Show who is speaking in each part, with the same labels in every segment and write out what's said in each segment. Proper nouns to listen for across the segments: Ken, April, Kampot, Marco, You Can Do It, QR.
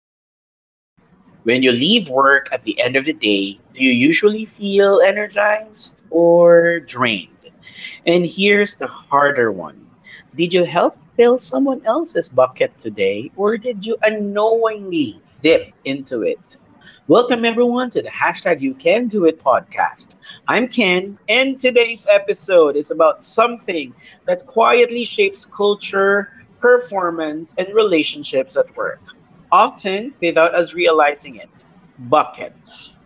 Speaker 1: simple question. When you leave work at the end of the day, do you usually feel energized or drained? And here's the harder one. Did you help fill someone else's bucket today, or did you unknowingly dip into it? Welcome, everyone, to the hashtag You Can Do It podcast. I'm Ken, and today's episode is about something that quietly shapes culture performance, and relationships at work, often without us realizing it. Buckets.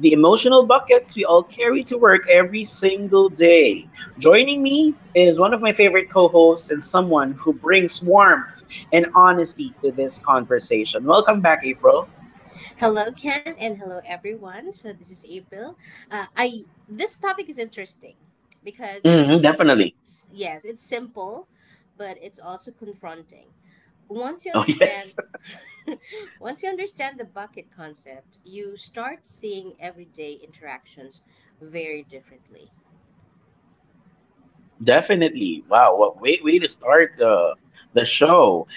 Speaker 1: The emotional buckets we all carry to work every single day. Joining me is one of my favorite co hosts and someone who brings warmth and honesty to this conversation. Welcome back, April.
Speaker 2: Hello, Ken, and hello, everyone. So this is April. I this topic is interesting because
Speaker 1: Mhm,
Speaker 2: it's
Speaker 1: definitely.
Speaker 2: yes, it's simple, but it's also confronting. Once you
Speaker 1: Oh,
Speaker 2: understand,
Speaker 1: yes.
Speaker 2: once you understand the bucket concept, you start seeing everyday interactions very differently.
Speaker 1: Definitely. Wow. What way to start the show.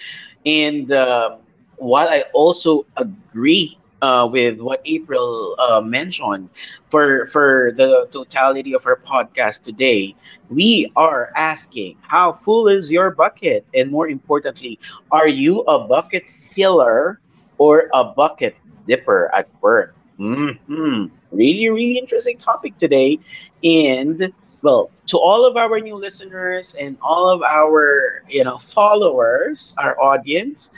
Speaker 1: And While I also agree with what April mentioned for the totality of our podcast today, we are asking how full is your bucket, and more importantly, are you a bucket filler or a bucket dipper at work? Really, really interesting topic today, and well, to all of our new listeners and all of our followers, our audience,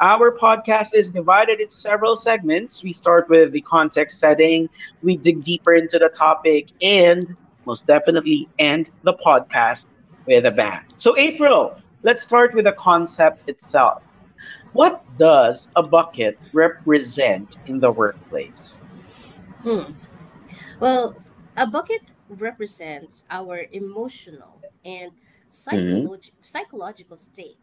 Speaker 1: our podcast is divided into several segments. We start with the context setting, we dig deeper into the topic, and most definitely end the podcast with a bang. So April, let's start with the concept itself. What does a bucket represent in the workplace?
Speaker 2: Hmm. Well, a bucket represents our emotional and
Speaker 1: Mhm.
Speaker 2: psychological state.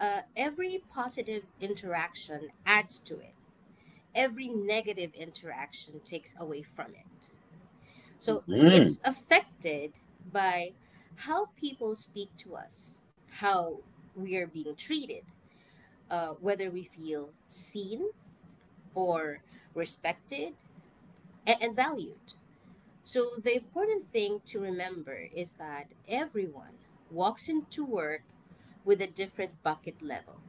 Speaker 2: Every positive interaction adds to it, every negative interaction takes away from it. So it's affected by how people speak to us, how we are being treated, whether we feel seen or respected and valued. So the important thing to remember is that everyone walks into work with a different bucket level.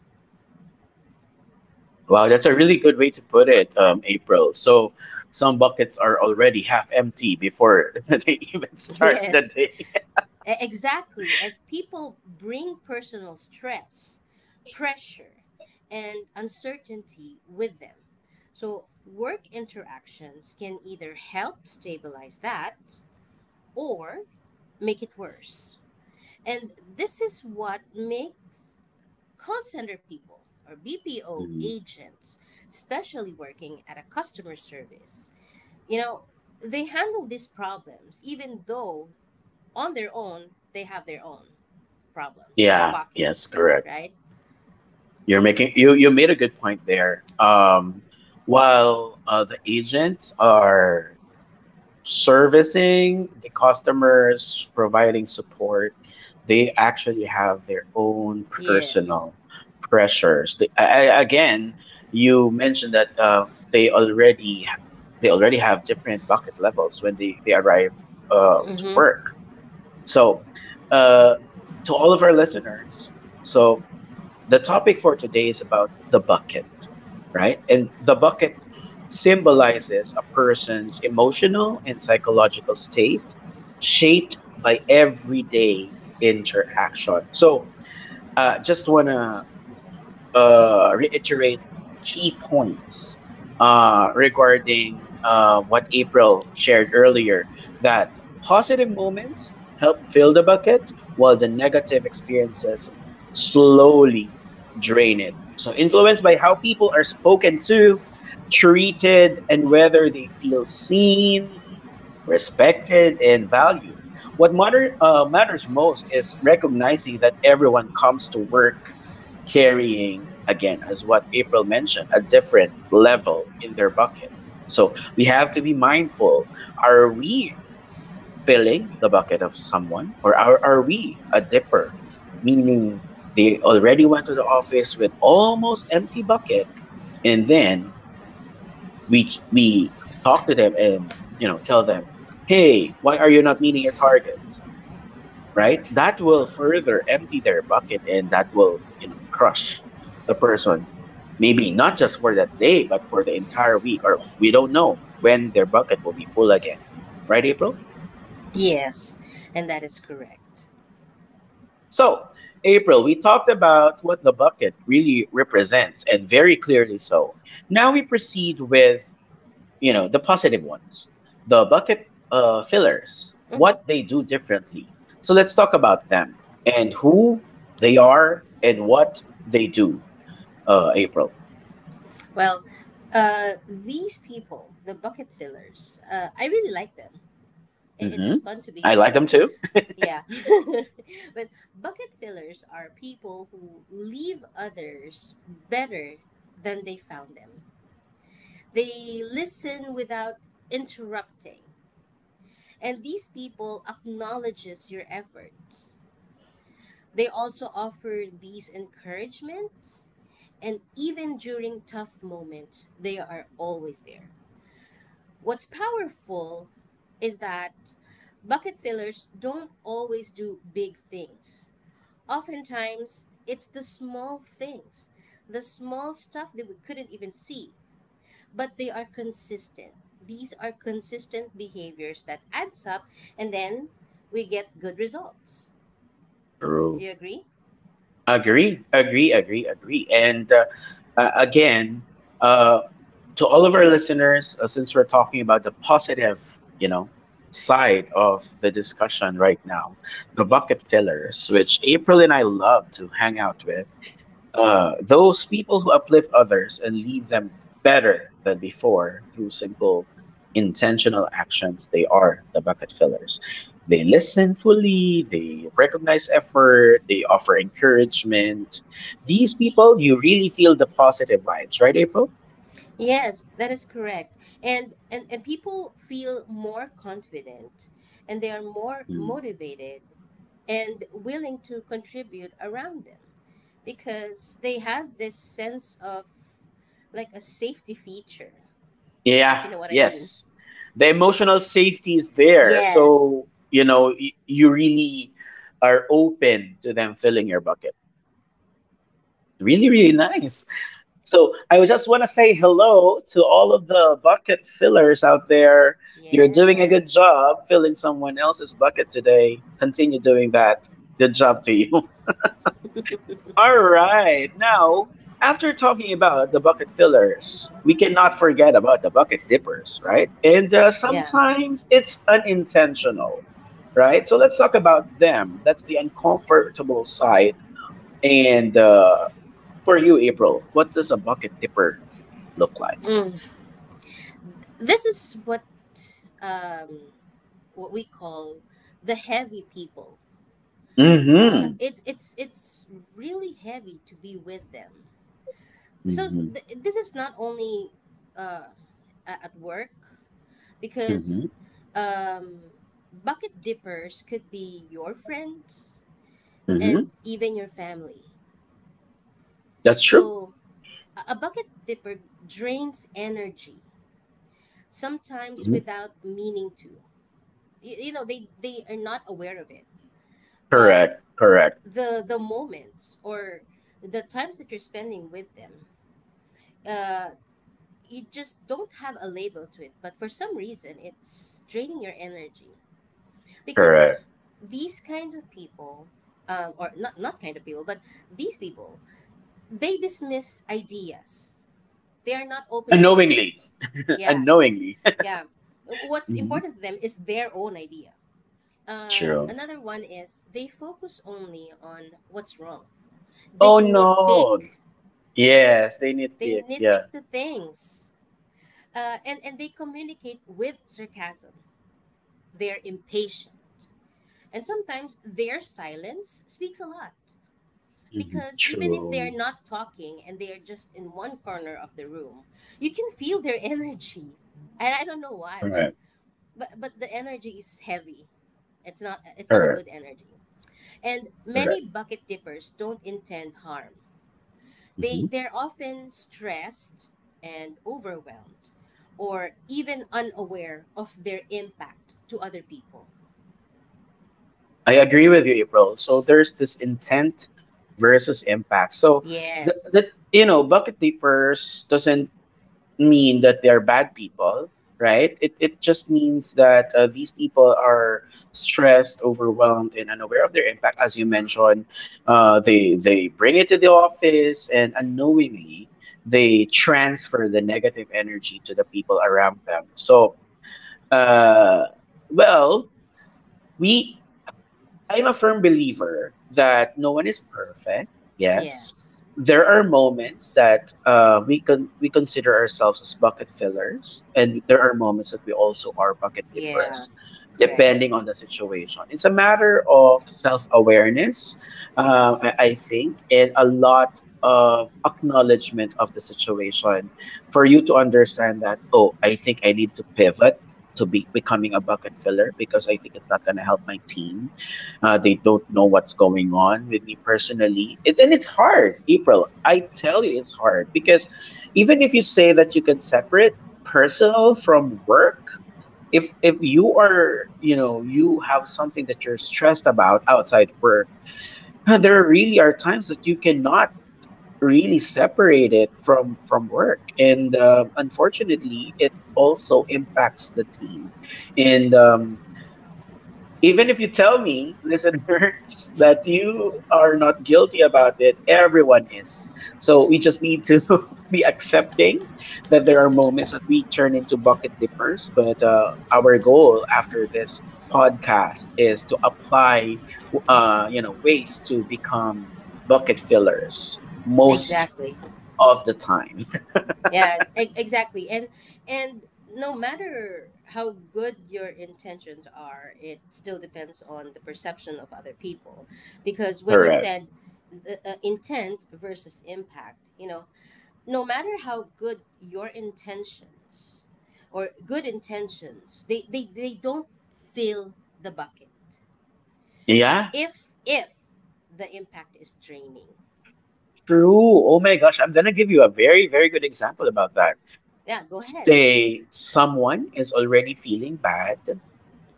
Speaker 1: Wow, that's a really good way to put it, April. So some buckets are already half empty before they even start the
Speaker 2: Yes,
Speaker 1: day.
Speaker 2: Exactly. And people bring personal stress, pressure, and uncertainty with them. So, work interactions can either help stabilize that or make it worse. And this is what makes call center people or BPO
Speaker 1: Mhm.
Speaker 2: agents, especially working at a customer service, you know, they handle these problems even though on their own, they have their own problems or
Speaker 1: Yeah, yes,
Speaker 2: buckets,
Speaker 1: correct.
Speaker 2: right?
Speaker 1: You're making you you made a good point there. While the agents are servicing the customers, providing support, they actually have their own
Speaker 2: Yes.
Speaker 1: personal pressures. Again, you mentioned that they already have different bucket levels when they arrive to
Speaker 2: Mm-hmm.
Speaker 1: work. So, uh, to all of our listeners, so the topic for today is about the bucket, right? And the bucket symbolizes a person's emotional and psychological state shaped by everyday interaction. So, just want to reiterate key points regarding what April shared earlier, that positive moments help fill the bucket while the negative experiences slowly drain it. So, influenced by how people are spoken to, treated, and whether they feel seen, respected and valued. Matters most is recognizing that everyone comes to work carrying, again, as what April mentioned, a different level in their bucket. So we have to be mindful. Are we filling the bucket of someone, or are we a dipper? Meaning they already went to the office with almost empty bucket, and then we talk to them and you know tell them, hey, why are you not meeting your target? Right, that will further empty their bucket, and that will, you know, crush the person, maybe not just for that day but for the entire week, or we don't know when their bucket will be full again, right, April?
Speaker 2: Yes, and that is correct.
Speaker 1: So April, we talked about what the bucket really represents, and very clearly so. Now we proceed with, you know, the positive ones, the bucket fillers,
Speaker 2: Hmm.
Speaker 1: what they do differently. So let's talk about them, and who they are and what they do, April.
Speaker 2: Well, these people, the bucket fillers, I really like them. I-
Speaker 1: hmm
Speaker 2: It's fun to be
Speaker 1: I
Speaker 2: with
Speaker 1: like them
Speaker 2: them.
Speaker 1: too.
Speaker 2: Yeah. But bucket fillers are people who leave others better than they found them. They listen without interrupting. And these people acknowledges your efforts. They also offer these encouragements, and even during tough moments they are always there. What's powerful is that bucket fillers don't always do big things. Oftentimes it's the small things, the small stuff that we couldn't even see, but they are consistent. These are consistent behaviors that adds up, and then we get good results. Do
Speaker 1: True.
Speaker 2: you agree?
Speaker 1: Agree, agree, agree, agree. And Again, uh, to all of our listeners, since we're talking about the positive, you know, side of the discussion right now, the bucket fillers, which April and I love to hang out with. Those people who uplift others and leave them better than before through simple, intentional actions, they are the bucket fillers. They listen fully, they recognize effort, they offer encouragement. These people, you really feel the positive vibes, right, April?
Speaker 2: Yes, that is correct. And people feel more confident and they are more
Speaker 1: Mm.
Speaker 2: motivated and willing to contribute around them because they have this sense of like a safety feature, if
Speaker 1: Yeah,
Speaker 2: you know what I mean.
Speaker 1: yes. The emotional safety is there.
Speaker 2: Yes.
Speaker 1: So, you know, you really are open to them filling your bucket. Really, really nice. So I would just want to say hello to all of the bucket fillers out there. You're doing a good
Speaker 2: Yes.
Speaker 1: job filling someone else's bucket today. Continue doing that. Good job to you. All right. Now, after talking about the bucket fillers, we cannot forget about the bucket dippers, right? And
Speaker 2: Yeah.
Speaker 1: Sometimes it's unintentional, right? So let's talk about them. That's the uncomfortable side. And For you, April, what does a bucket dipper look like?
Speaker 2: Mm. This is what um, what we call the heavy people. Uh,
Speaker 1: Mhm.
Speaker 2: it's it's it's really heavy to be with them. So
Speaker 1: Mhm.
Speaker 2: this is not only uh, at work because
Speaker 1: Mhm.
Speaker 2: um, bucket dippers could be your friends
Speaker 1: Mhm.
Speaker 2: and even your family.
Speaker 1: That's true.
Speaker 2: So a bucket dipper drains energy sometimes
Speaker 1: Mhm.
Speaker 2: without meaning to. You know they are not aware of it, but
Speaker 1: Correct. Correct.
Speaker 2: the moments or the times that you're spending with them uh you just don't have a label to it, but for some reason it's draining your energy because
Speaker 1: Correct.
Speaker 2: these kinds of people, or not kind of people but these people, they dismiss ideas. They are not open to it.
Speaker 1: Unknowingly.
Speaker 2: yeah
Speaker 1: Unknowingly.
Speaker 2: yeah What's
Speaker 1: Mhm.
Speaker 2: important to them is their own idea. uh,
Speaker 1: True.
Speaker 2: another one is they focus only on what's wrong. They
Speaker 1: Oh
Speaker 2: nitpick.
Speaker 1: no. Yes, they
Speaker 2: They
Speaker 1: nitpick.
Speaker 2: nitpick
Speaker 1: Yeah.
Speaker 2: the things, and they communicate with sarcasm. They're impatient, and sometimes their silence speaks a lot
Speaker 1: Mhm.
Speaker 2: because even if they
Speaker 1: True.
Speaker 2: are not talking and they are just in one corner of the room, you can feel their energy. And I don't know why, but
Speaker 1: Correct.
Speaker 2: but the energy is heavy. It's not a
Speaker 1: Correct.
Speaker 2: good energy. And
Speaker 1: Correct.
Speaker 2: many bucket tippers don't intend harm. They
Speaker 1: Mhm.
Speaker 2: they're often stressed and overwhelmed or even unaware of their impact to other people.
Speaker 1: I agree with you, April. So there's this intent versus impact. So
Speaker 2: Yes.
Speaker 1: the, you know, bucket leapers doesn't mean that they're bad people, right? It just means that these people are stressed, overwhelmed, and unaware of their impact. As you mentioned, they bring it to the office, and unknowingly they transfer the negative energy to the people around them. So, uh, well, we I'm a firm believer that no one is perfect. Yes,
Speaker 2: Yes.
Speaker 1: there are moments that we consider ourselves as bucket fillers, and there are moments that we also are bucket
Speaker 2: Yeah.
Speaker 1: dippers,
Speaker 2: Correct.
Speaker 1: depending on the situation. It's a matter of self awareness, I think, and a lot of acknowledgement of the situation for you to understand that, oh, I think I need to pivot to be becoming a bucket filler, because I think it's not going to help my team. Uh, they don't know what's going on with me personally. It's, and it's hard, April. I tell you, it's hard because even if you say that you can separate personal from work, if you are, you know, you have something that you're stressed about outside work, there really are times that you cannot really separate it from work, and unfortunately, it also impacts the team. And Even if you tell me, listeners, that you are not guilty about it, everyone is. So we just need to be accepting that there are moments that we turn into bucket dippers. But our goal after this podcast is to apply, you know, ways to become bucket fillers most
Speaker 2: Exactly.
Speaker 1: of the time.
Speaker 2: Yes, exactly. And and no matter how good your intentions are, it still depends on the perception of other people because when you
Speaker 1: Correct.
Speaker 2: said the, intent versus impact, you know, no matter how good your intentions or good intentions, they don't fill the bucket
Speaker 1: Yeah,
Speaker 2: if the impact is draining.
Speaker 1: true. Oh my gosh, I'm gonna give you a very, very good example about that.
Speaker 2: Yeah, go ahead.
Speaker 1: Say someone is already feeling bad,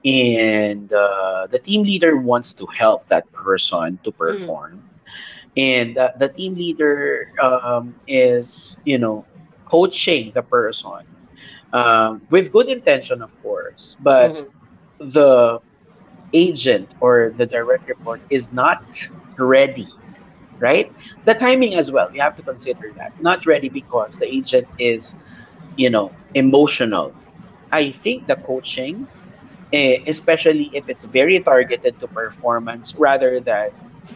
Speaker 1: and the team leader wants to help that person to
Speaker 2: Hmm.
Speaker 1: perform, and the team leader, is, you know, coaching the person, with good intention of course, but
Speaker 2: Hmm.
Speaker 1: the agent or the direct report is not ready, right? The timing as well, we have to consider that. Not ready because the agent is, you know, emotional. I think the coaching, especially if it's very targeted to performance rather than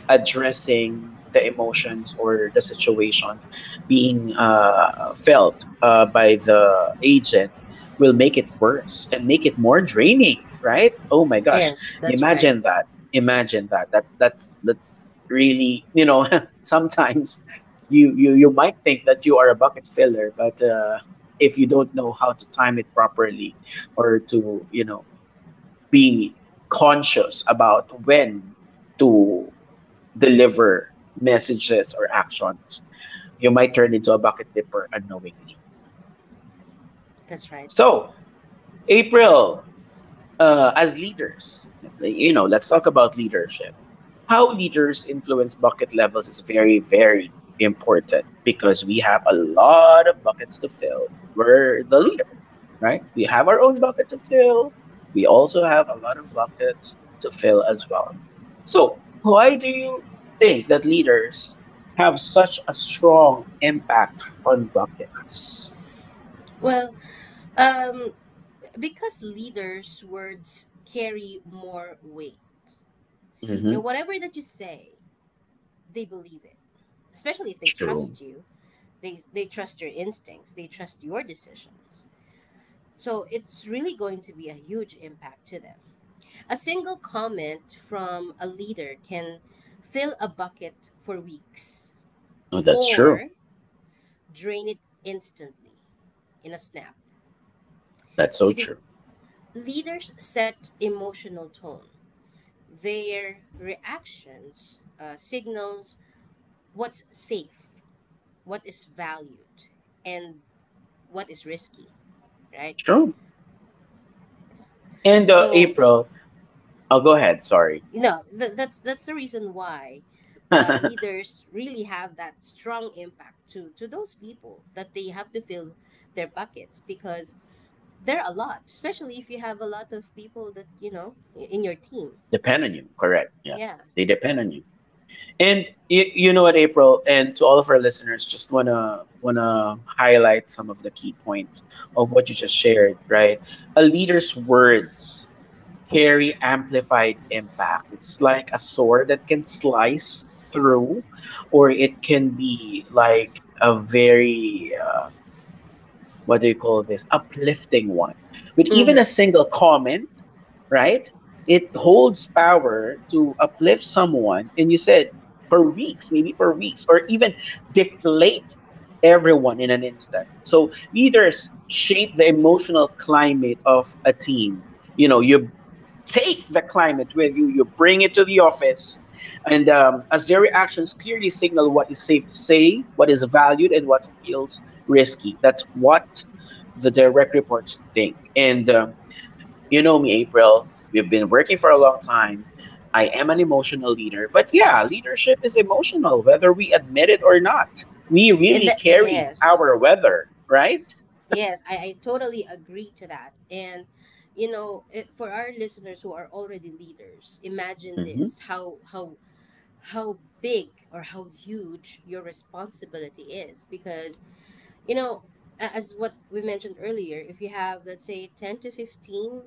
Speaker 1: addressing the emotions or the situation being felt by the agent, will make it worse and make it more draining, right? Oh my gosh,
Speaker 2: Yes, that's right.
Speaker 1: imagine that imagine that. That's really, you know, sometimes you you might think that you are a bucket filler, but if you don't know how to time it properly, or to, you know, be conscious about when to deliver messages or actions. You might turn into a bucket dipper unknowingly.
Speaker 2: That's right.
Speaker 1: So, April, as leaders, like, you know, let's talk about leadership. How leaders influence bucket levels is very, very important, because we have a lot of buckets to fill. We're the leader, right? We have our own bucket to fill. We also have a lot of buckets to fill as well. So, why do you think that leaders have such a strong impact on buckets?
Speaker 2: Well, um because leaders words carry more weight,
Speaker 1: hmm
Speaker 2: and whatever that you say they believe it, especially if they
Speaker 1: True.
Speaker 2: trust you. They trust your instincts, they trust your decisions. So it's really going to be a huge impact to them. A single comment from a leader can fill a bucket for weeks
Speaker 1: No, that's true.
Speaker 2: or drain it instantly in a snap.
Speaker 1: That's so
Speaker 2: Because
Speaker 1: true.
Speaker 2: leaders set emotional tone. Their reactions signals what's safe, what is valued, and what is risky, right?
Speaker 1: True. And
Speaker 2: So
Speaker 1: April, oh, go ahead. Sorry.
Speaker 2: no, that's that's the reason why uh,
Speaker 1: Depend
Speaker 2: leaders really have that strong impact to those people that they have to fill their buckets, because they're a lot, especially if you have a lot of people that you know, in your team.
Speaker 1: on you. Correct. Yeah.
Speaker 2: Yeah.
Speaker 1: They depend on you. And you you know what, April, and to all of our listeners, just wanna highlight some of the key points of what you just shared. Right, a leader's words carry amplified impact. It's like a sword that can slice through, or it can be like a very what do you call this, uplifting one. But even
Speaker 2: Hmm.
Speaker 1: a single comment, right, it holds power to uplift someone, and you said for weeks, maybe for weeks, or even deflate everyone in an instant. So leaders shape the emotional climate of a team. You know, you take the climate with you, you bring it to the office, and as their reactions clearly signal what is safe to say, what is valued, and what feels risky. That's what the direct reports think. And You know me, April, we've been working for a long time. I am an emotional leader, but yeah, leadership is emotional, whether we admit it or not. We
Speaker 2: And
Speaker 1: really
Speaker 2: that,
Speaker 1: carry
Speaker 2: yes.
Speaker 1: our weather, right?
Speaker 2: Yes, I totally agree to that. And you know, for our listeners who are already leaders, imagine
Speaker 1: Mm-hmm.
Speaker 2: this: how how big or how huge your responsibility is, because you know, as what we mentioned earlier, if you have let's say 10 to 15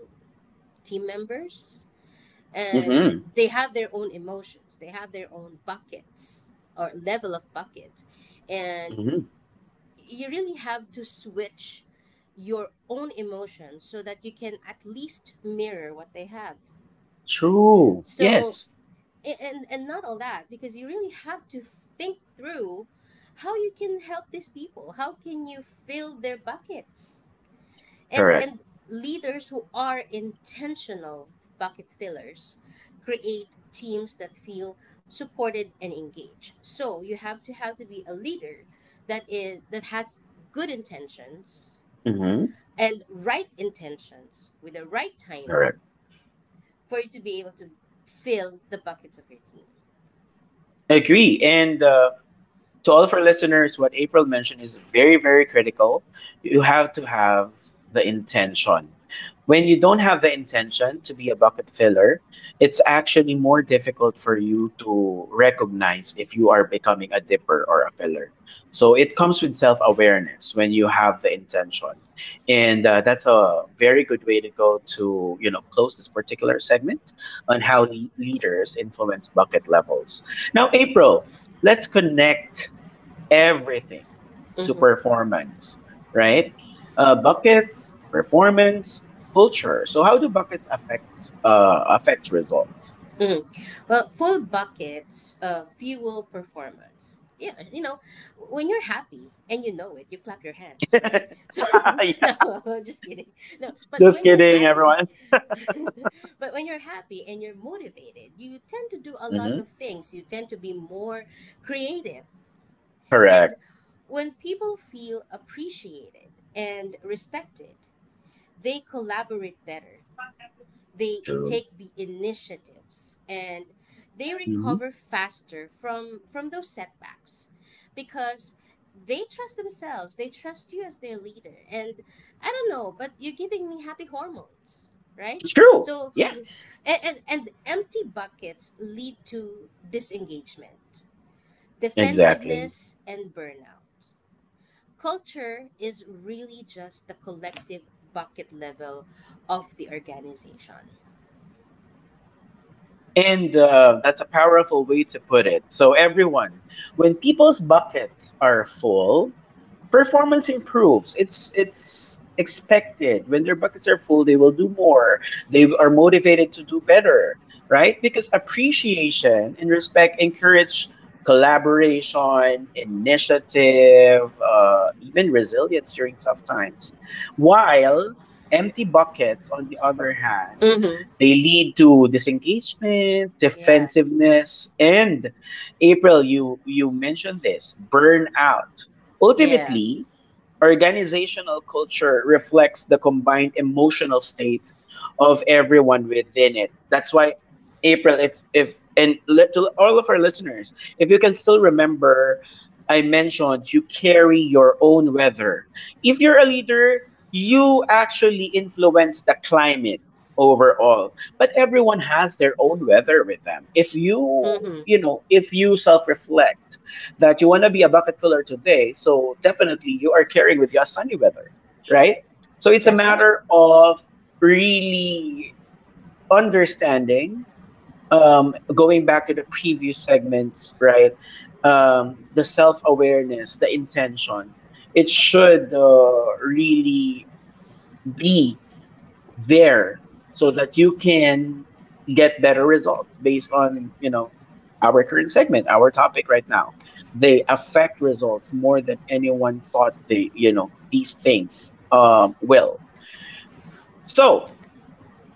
Speaker 2: team members, and
Speaker 1: Mm-hmm.
Speaker 2: they have their own emotions, they have their own buckets or level of buckets, and
Speaker 1: Mm-hmm.
Speaker 2: you really have to switch your own emotions so that you can at least mirror what they have.
Speaker 1: True.
Speaker 2: So
Speaker 1: Yes.
Speaker 2: and not all that, because you really have to think through how you can help these people, how can you fill their buckets. and
Speaker 1: Correct.
Speaker 2: and leaders who are intentional bucket fillers create teams that feel supported and engaged. So you have to be a leader that is that has good intentions
Speaker 1: Mm-hmm.
Speaker 2: and right intentions with the right
Speaker 1: Correct.
Speaker 2: timing for you to be able to fill the buckets of your team.
Speaker 1: Agree. And to all of our listeners, what April mentioned is very, very critical. You have to have the intention. When you don't have the intention to be a bucket filler, it's actually more difficult for you to recognize if you are becoming a dipper or a filler. So it comes with self awareness when you have the intention. And that's a very good way to go to, close this particular segment on how leaders influence bucket levels. Now, April, let's connect everything to performance, right? Buckets, performance, culture. So how do buckets affect affect results?
Speaker 2: Mm. Well, full buckets fuel performance. Yeah, you know, when you're happy and you know it, you clap your hands, right? So
Speaker 1: Yeah.
Speaker 2: no, just kidding. No, but
Speaker 1: Just
Speaker 2: when you're
Speaker 1: kidding,
Speaker 2: happy,
Speaker 1: everyone.
Speaker 2: but when you're happy and you're motivated, you tend to do a lot
Speaker 1: Hmm.
Speaker 2: of things. You tend to be more creative. And
Speaker 1: Correct.
Speaker 2: when people feel appreciated and respected, they collaborate better, they
Speaker 1: True.
Speaker 2: take the initiatives, and they
Speaker 1: Hmm.
Speaker 2: recover faster from those setbacks, because they trust themselves, they trust you as their leader. And I don't know, but you're giving me happy hormones, right?
Speaker 1: True.
Speaker 2: So
Speaker 1: Yes.
Speaker 2: and empty buckets lead to disengagement,
Speaker 1: Exactly.
Speaker 2: defensiveness, and burnout. Culture is really just the collective bucket level of the organization.
Speaker 1: And that's a powerful way to put it. So everyone, when people's buckets are full, performance improves. It's expected. When their buckets are full, they will do more. They are motivated to do better, right? Because appreciation and respect encourage collaboration, initiative, even resilience during tough times. While empty buckets, on the other hand, they lead to disengagement,
Speaker 2: Yeah,
Speaker 1: defensiveness, and April, you mentioned this, burnout.
Speaker 2: yeah.
Speaker 1: Ultimately, organizational culture reflects the combined emotional state of everyone within it. That's why, April, if and li- to all of our listeners, if you can still remember, I mentioned you carry your own weather. If you're a leader, you actually influence the climate overall, but everyone has their own weather with them. if you
Speaker 2: Mm-hmm.
Speaker 1: you know if you self reflect that you want to be a bucket filler today. So definitely you are carrying with you a sunny weather, right? So it's a
Speaker 2: That's right.
Speaker 1: matter of really understanding, going back to the previous segments, right? The self awareness, the intention. It should really be there so that you can get better results based on, our current segment, our topic right now. They affect results more than anyone thought. They, these things will. So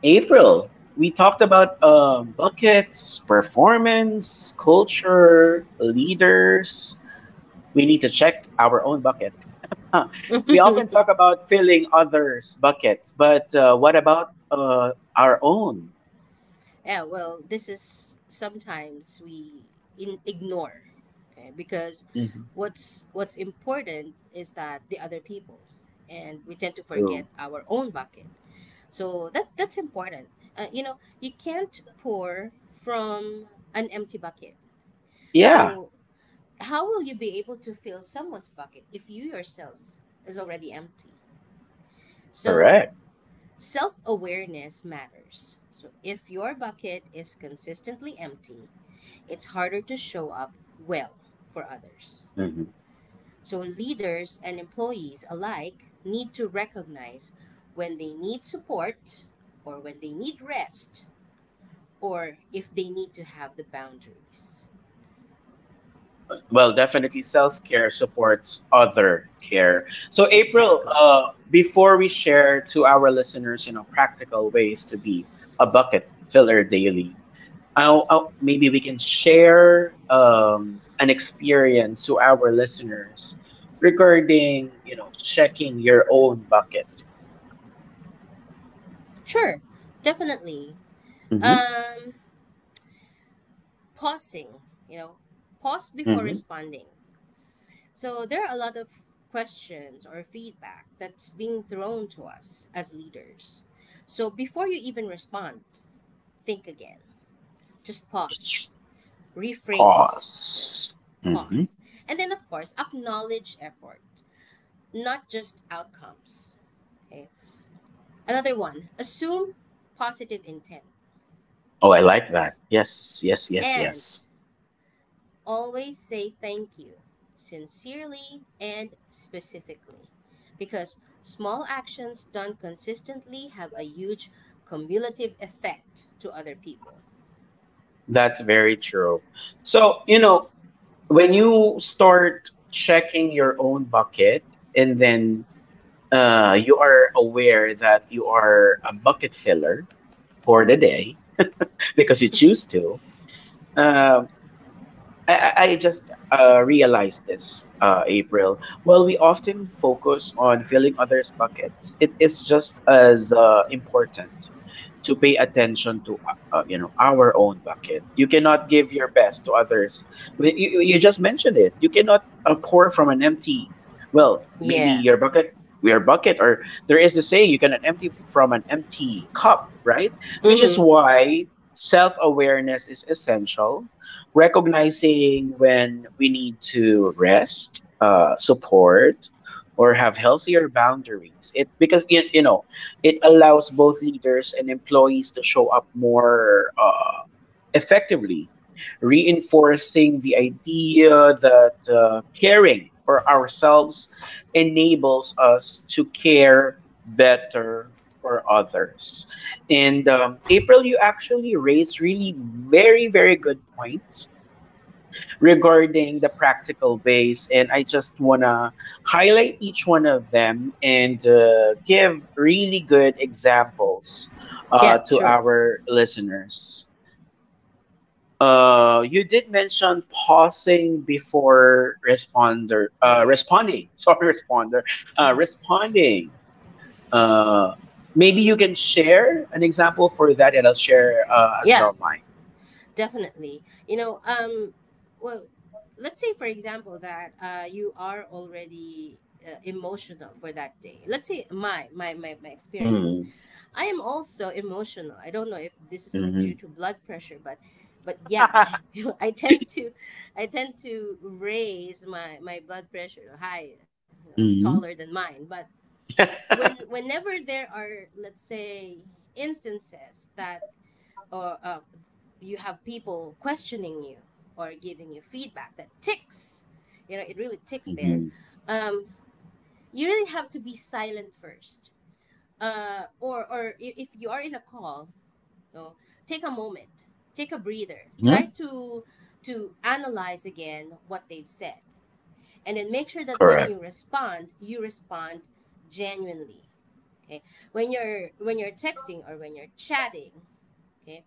Speaker 1: April, we talked about buckets, performance, culture, leaders. We need to check our own bucket. Huh. We often talk about filling others buckets, but what about our own?
Speaker 2: Yeah, well, this is sometimes we ignore, okay? Because
Speaker 1: Mhm.
Speaker 2: what's important is that the other people, and we tend to forget
Speaker 1: True.
Speaker 2: our own bucket. So that that's important. You know, you can't pour from an empty bucket.
Speaker 1: Yeah,
Speaker 2: So how will you be able to fill someone's bucket if you yourselves is already empty? So
Speaker 1: correct.
Speaker 2: self awareness matters. So, if your bucket is consistently empty, it's harder to show up well for others.
Speaker 1: Mhm.
Speaker 2: So, leaders and employees alike need to recognize when they need support, or when they need rest, or if they need to have the boundaries.
Speaker 1: Well, definitely self care supports other care. So, April,
Speaker 2: Exactly.
Speaker 1: before we share to our listeners, practical ways to be a bucket filler daily, maybe we can share an experience to our listeners regarding, checking your own bucket.
Speaker 2: Sure, definitely.
Speaker 1: Mm-hmm.
Speaker 2: Um, pausing, you know, pause before
Speaker 1: Mm-hmm.
Speaker 2: responding. So there are a lot of questions or feedback that's being thrown to us as leaders. So before you even respond, think again. Just
Speaker 1: Just
Speaker 2: pause, rephrase,
Speaker 1: pause.
Speaker 2: pause. And then, of course, acknowledge effort, not just outcomes. Okay. Another one, assume positive intent.
Speaker 1: Oh, I like that. Yes, yes, yes,
Speaker 2: And
Speaker 1: yes.
Speaker 2: always say thank you, sincerely and specifically, because small actions done consistently have a huge cumulative effect to other people.
Speaker 1: That's very true. So, when you start checking your own bucket and then you are aware that you are a bucket filler for the day, because you choose to, uh, I just realized this, April. While we often focus on filling others' buckets, it is just as important to pay attention to our own bucket. You cannot give your best to others. Well, you just mentioned it. You cannot pour from an empty, well, maybe
Speaker 2: Yeah.
Speaker 1: your bucket, or there is the saying, you cannot empty from an empty cup, right? Which is
Speaker 2: Mm-hmm.
Speaker 1: why self-awareness is essential, recognizing when we need to rest, support, or have healthier boundaries, it because it allows both leaders and employees to show up more effectively, reinforcing the idea that caring for ourselves enables us to care better for others. And April, you actually raised really very, very good points regarding the practical ways. And I just want to highlight each one of them and give really good examples
Speaker 2: Yeah,
Speaker 1: to
Speaker 2: sure.
Speaker 1: our listeners. You did mention pausing before
Speaker 2: Yes.
Speaker 1: responding. Sorry, responding. Uh, maybe you can share an example for that, and I'll share as
Speaker 2: Yeah,
Speaker 1: well mine.
Speaker 2: definitely. You know, well, let's say, for example, that you are already emotional for that day. Let's say my experience.
Speaker 1: Mm-hmm.
Speaker 2: I am also emotional. I don't know if this is due to blood pressure, but yeah, you know, I tend to raise my blood pressure high, you know, taller
Speaker 1: Mm-hmm.
Speaker 2: than mine. But whenever there are, let's say, instances that or you have people questioning you or giving you feedback that ticks, you know, it really ticks there.
Speaker 1: Mm-hmm.
Speaker 2: Um, you really have to be silent first, or if you are in a call, know, take a moment, take a breather, try to analyze again what they've said, and then make sure that when
Speaker 1: Correct.
Speaker 2: you respond genuinely. Okay, when you're texting or when you're chatting, okay.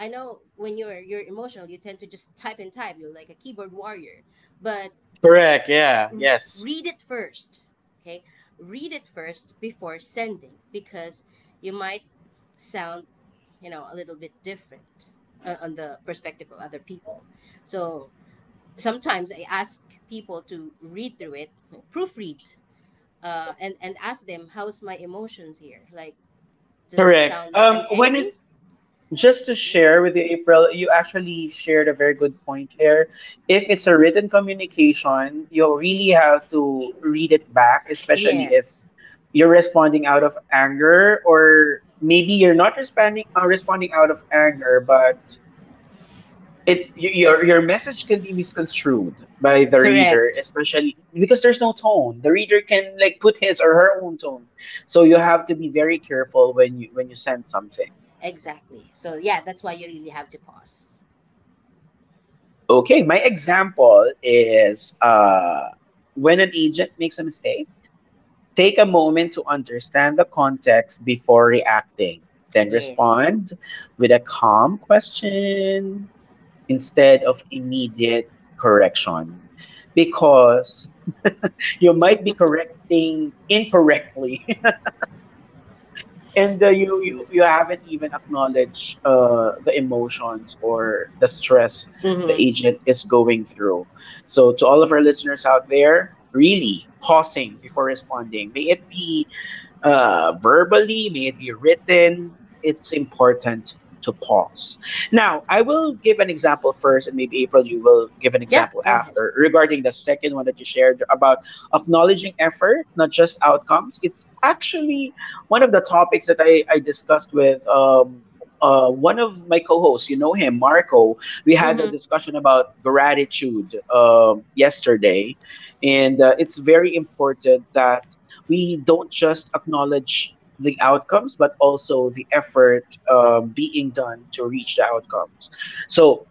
Speaker 2: I know when you're emotional, you tend to just type and type. You're like a keyboard warrior, but
Speaker 1: Correct. Yeah.
Speaker 2: r-
Speaker 1: Yes.
Speaker 2: read it first. Okay, read it first before sending, because you might sound, you know, a little bit different on the perspective of other people. So sometimes I ask people to read through it, proofread, and ask them how's my emotions here, like, does it
Speaker 1: Correct.
Speaker 2: sound like I'm
Speaker 1: When it
Speaker 2: angry?
Speaker 1: Just to
Speaker 2: Ye-
Speaker 1: share with you, April, you actually shared a very good point here. If it's a written communication, you really have to read it back, especially if
Speaker 2: yes.
Speaker 1: you're responding out of anger, or maybe you're not responding out of anger. But your message can be misconstrued by the reader,
Speaker 2: Correct.
Speaker 1: especially because there's no tone. The reader can, like, put his or her own tone. So you have to be very careful when you send something.
Speaker 2: Exactly, so yeah, that's why you really have to pause.
Speaker 1: Okay, my example is, when an agent makes a mistake, take a moment to understand the context before reacting, then
Speaker 2: Yes.
Speaker 1: respond with a calm question instead of immediate correction. Because you might be correcting incorrectly, and you haven't even acknowledged the emotions or the stress
Speaker 2: Mm-hmm.
Speaker 1: the agent is going through. So to all of our listeners out there, really pausing before responding, may it be verbally, may it be written, it's important to pause. Now, I will give an example first, and maybe April, you will give an
Speaker 2: Yep,
Speaker 1: example
Speaker 2: go ahead.
Speaker 1: after regarding the second one that you shared about acknowledging effort, not just outcomes. It's actually one of the topics that I discussed with one of my co-hosts. You know him, Marco. We had a
Speaker 2: Mm-hmm.
Speaker 1: discussion about gratitude yesterday, and it's very important that we don't just acknowledge the outcomes, but also the effort being done to reach the outcomes. So,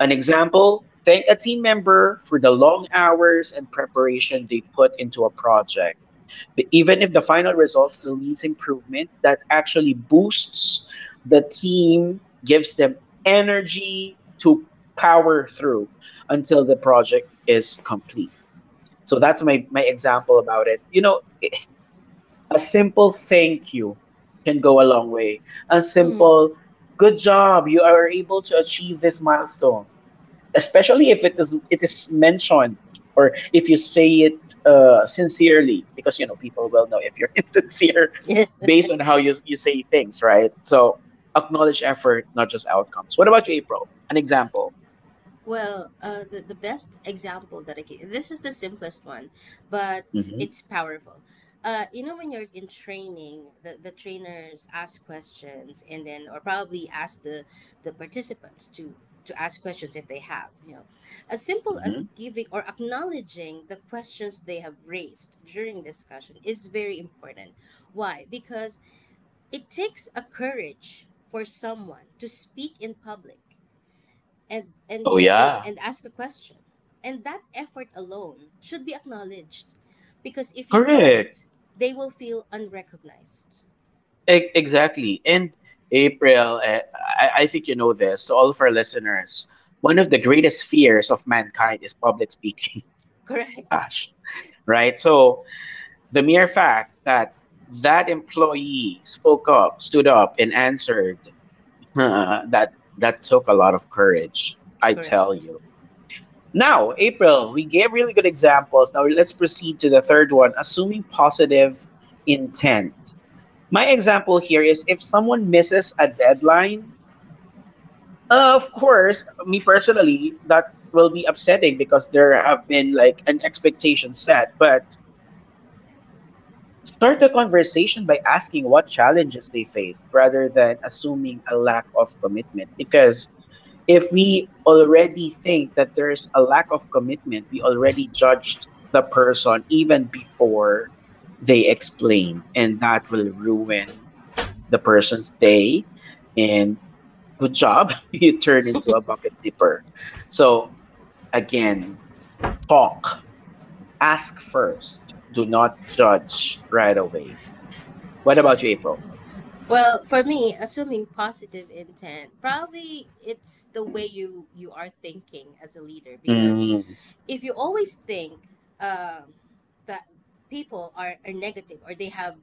Speaker 1: an example: thank a team member for the long hours and preparation they put into a project. But even if the final result still needs improvement, that actually boosts the team, gives them energy to power through until the project is complete. So that's my example about it. You know, a simple thank you can go a long way. A
Speaker 2: Mm-hmm.
Speaker 1: simple good job, you are able to achieve this milestone, especially if it is mentioned or if you say it sincerely, because you know people will know if you're insincere based on how you say things, right? So acknowledge effort, not just outcomes. What about you, April? An example.
Speaker 2: Well, the best example that I can, this is the simplest one, but
Speaker 1: Hmm.
Speaker 2: it's powerful. You know, when you're in training, the trainers ask questions, and then, or probably ask the participants to ask questions if they have, you know, as simple
Speaker 1: Hmm.
Speaker 2: as giving or acknowledging the questions they have raised during discussion is very important. Why? Because it takes a courage for someone to speak in public and
Speaker 1: Oh
Speaker 2: you know and
Speaker 1: yeah,
Speaker 2: and ask a question, and that effort alone should be acknowledged, because if you
Speaker 1: correct.
Speaker 2: don't, they will feel unrecognized.
Speaker 1: Exactly. And April, I think you know this, to all of our listeners, one of the greatest fears of mankind is public speaking.
Speaker 2: Correct.
Speaker 1: Gosh, right? So the mere fact that that employee spoke up, stood up, and answered, that took a lot of courage, I tell
Speaker 2: Correct.
Speaker 1: you. Now, April, we gave really good examples. Now let's proceed to the third one, assuming positive intent. My example here is if someone misses a deadline, of course, me personally, that will be upsetting because there have been like an expectation set. But start the conversation by asking what challenges they faced rather than assuming a lack of commitment. Because if we already think that there's a lack of commitment, we already judged the person even before they explained, and that will ruin the person's day and. Good job, you turn into a bucket dipper. So again, talk, ask first. Do not judge right away. What about you, April?
Speaker 2: Well, for me, assuming positive intent, probably it's the way you are thinking as a leader, because
Speaker 1: Mm.
Speaker 2: if you always think um, that people are negative or they have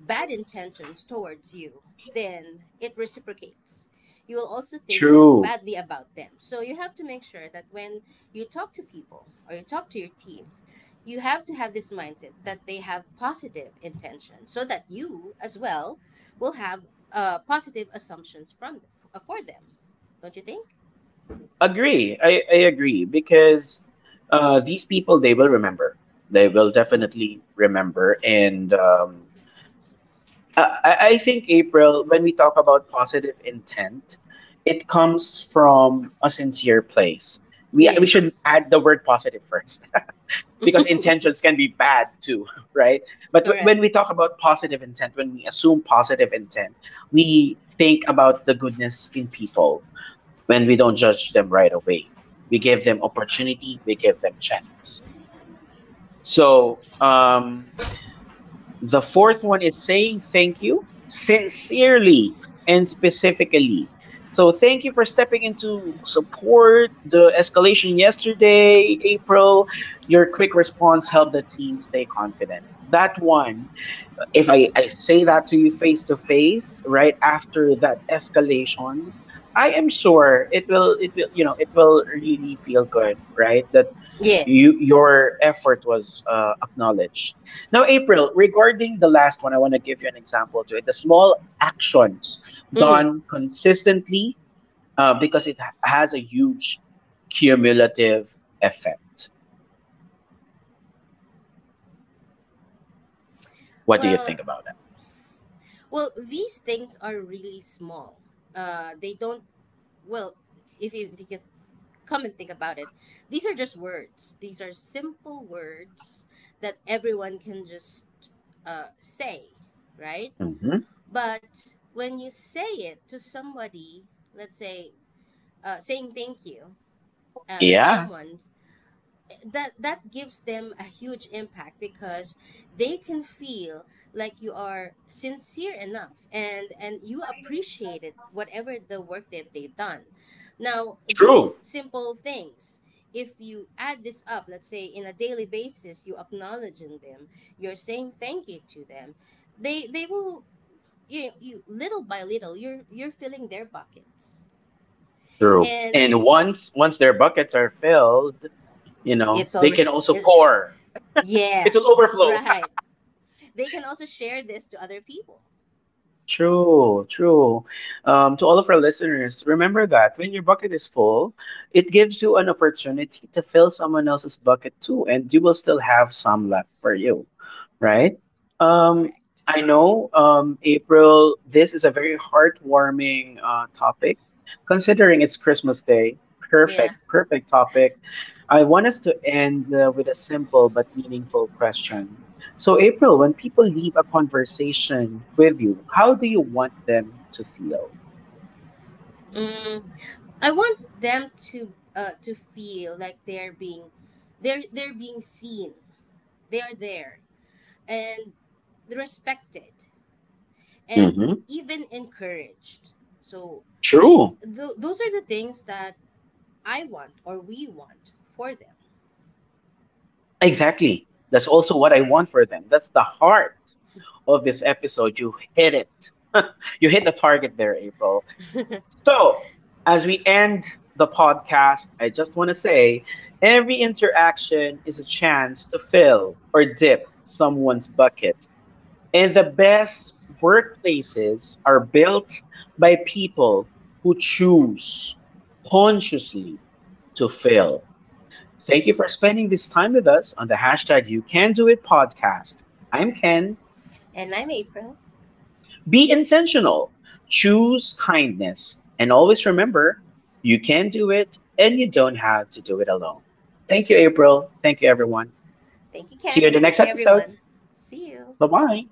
Speaker 2: bad intentions towards you, then it reciprocates. You will also think
Speaker 1: True.
Speaker 2: badly about them. So you have to make sure that when you talk to people or you talk to your team, you have to have this mindset that they have positive intention so that you as well will have positive assumptions from them, for them. Don't you think?
Speaker 1: Agree. I agree, because these people, they will remember. They will definitely remember. And I think, April, when we talk about positive intent, it comes from a sincere place. We should
Speaker 2: Yes.
Speaker 1: add the word positive first, because intentions can be bad too, right? But when
Speaker 2: Correct.
Speaker 1: we talk about positive intent, when we assume positive intent, we think about the goodness in people when we don't judge them right away. We give them opportunity, we give them chance. So, the fourth one is saying thank you sincerely and specifically. So thank you for stepping into support the escalation yesterday, April. Your quick response helped the team stay confident. That one, if I say that to you face to face right after that escalation, I am sure it will really feel good, right? That
Speaker 2: Yes.
Speaker 1: your effort was acknowledged. Now, April, regarding the last one, I want to give you an example to it: the small actions
Speaker 2: Hmm.
Speaker 1: done consistently, because it has a huge cumulative effect. What do you
Speaker 2: Well,
Speaker 1: think about that?
Speaker 2: well, these things are really small. They don't, well, if you can come and think about it, these are just words, these are simple words that everyone can just say, right?
Speaker 1: Hmm.
Speaker 2: But when you say it to somebody, let's say, saying thank you to
Speaker 1: Yeah,
Speaker 2: someone, that that gives them a huge impact, because they can feel like you are sincere enough and you appreciated whatever the work that they've done. Now
Speaker 1: true.
Speaker 2: these simple things, if you add this up, let's say in a daily basis, you acknowledging them, you're saying thank you to them, they will, you little by little you're filling their buckets.
Speaker 1: True.
Speaker 2: And
Speaker 1: And once their buckets are filled,
Speaker 2: it's
Speaker 1: they
Speaker 2: already
Speaker 1: can also pour. It will
Speaker 2: yes, that's
Speaker 1: overflow.
Speaker 2: right, they can also share this to other people.
Speaker 1: True, true. To all of our listeners, remember that when your bucket is full, it gives you an opportunity to fill someone else's bucket too, and you will still have some left for you, right? Um,
Speaker 2: Correct.
Speaker 1: I know, April, this is a very heartwarming topic, considering it's Christmas Day.
Speaker 2: Yeah.
Speaker 1: Perfect, perfect topic. I want us to end with a simple but meaningful question. So, April, when people leave a conversation with you, how do you want them to feel?
Speaker 2: Mm, I want them to feel like they're being they're being seen. They are there and respected and
Speaker 1: Hmm.
Speaker 2: even encouraged. So
Speaker 1: True.
Speaker 2: those are the things that I want or we want for them.
Speaker 1: Exactly. That's also what I want for them. That's the heart of this episode. You hit it. You hit the target there, April. So, as we end the podcast, I just want to say every interaction is a chance to fill or dip someone's bucket. And the best workplaces are built by people who choose consciously to fail. Thank you for spending this time with us on the #YouCanDoIt podcast. I'm Ken.
Speaker 2: And I'm April.
Speaker 1: Be intentional, choose kindness, and always remember you can do it and you don't have to do it alone. Thank you, April. Thank you, everyone.
Speaker 2: Thank you,
Speaker 1: See
Speaker 2: Ken,
Speaker 1: you in
Speaker 2: and
Speaker 1: the
Speaker 2: thank
Speaker 1: next
Speaker 2: you,
Speaker 1: episode.
Speaker 2: everyone. See you.
Speaker 1: Bye bye.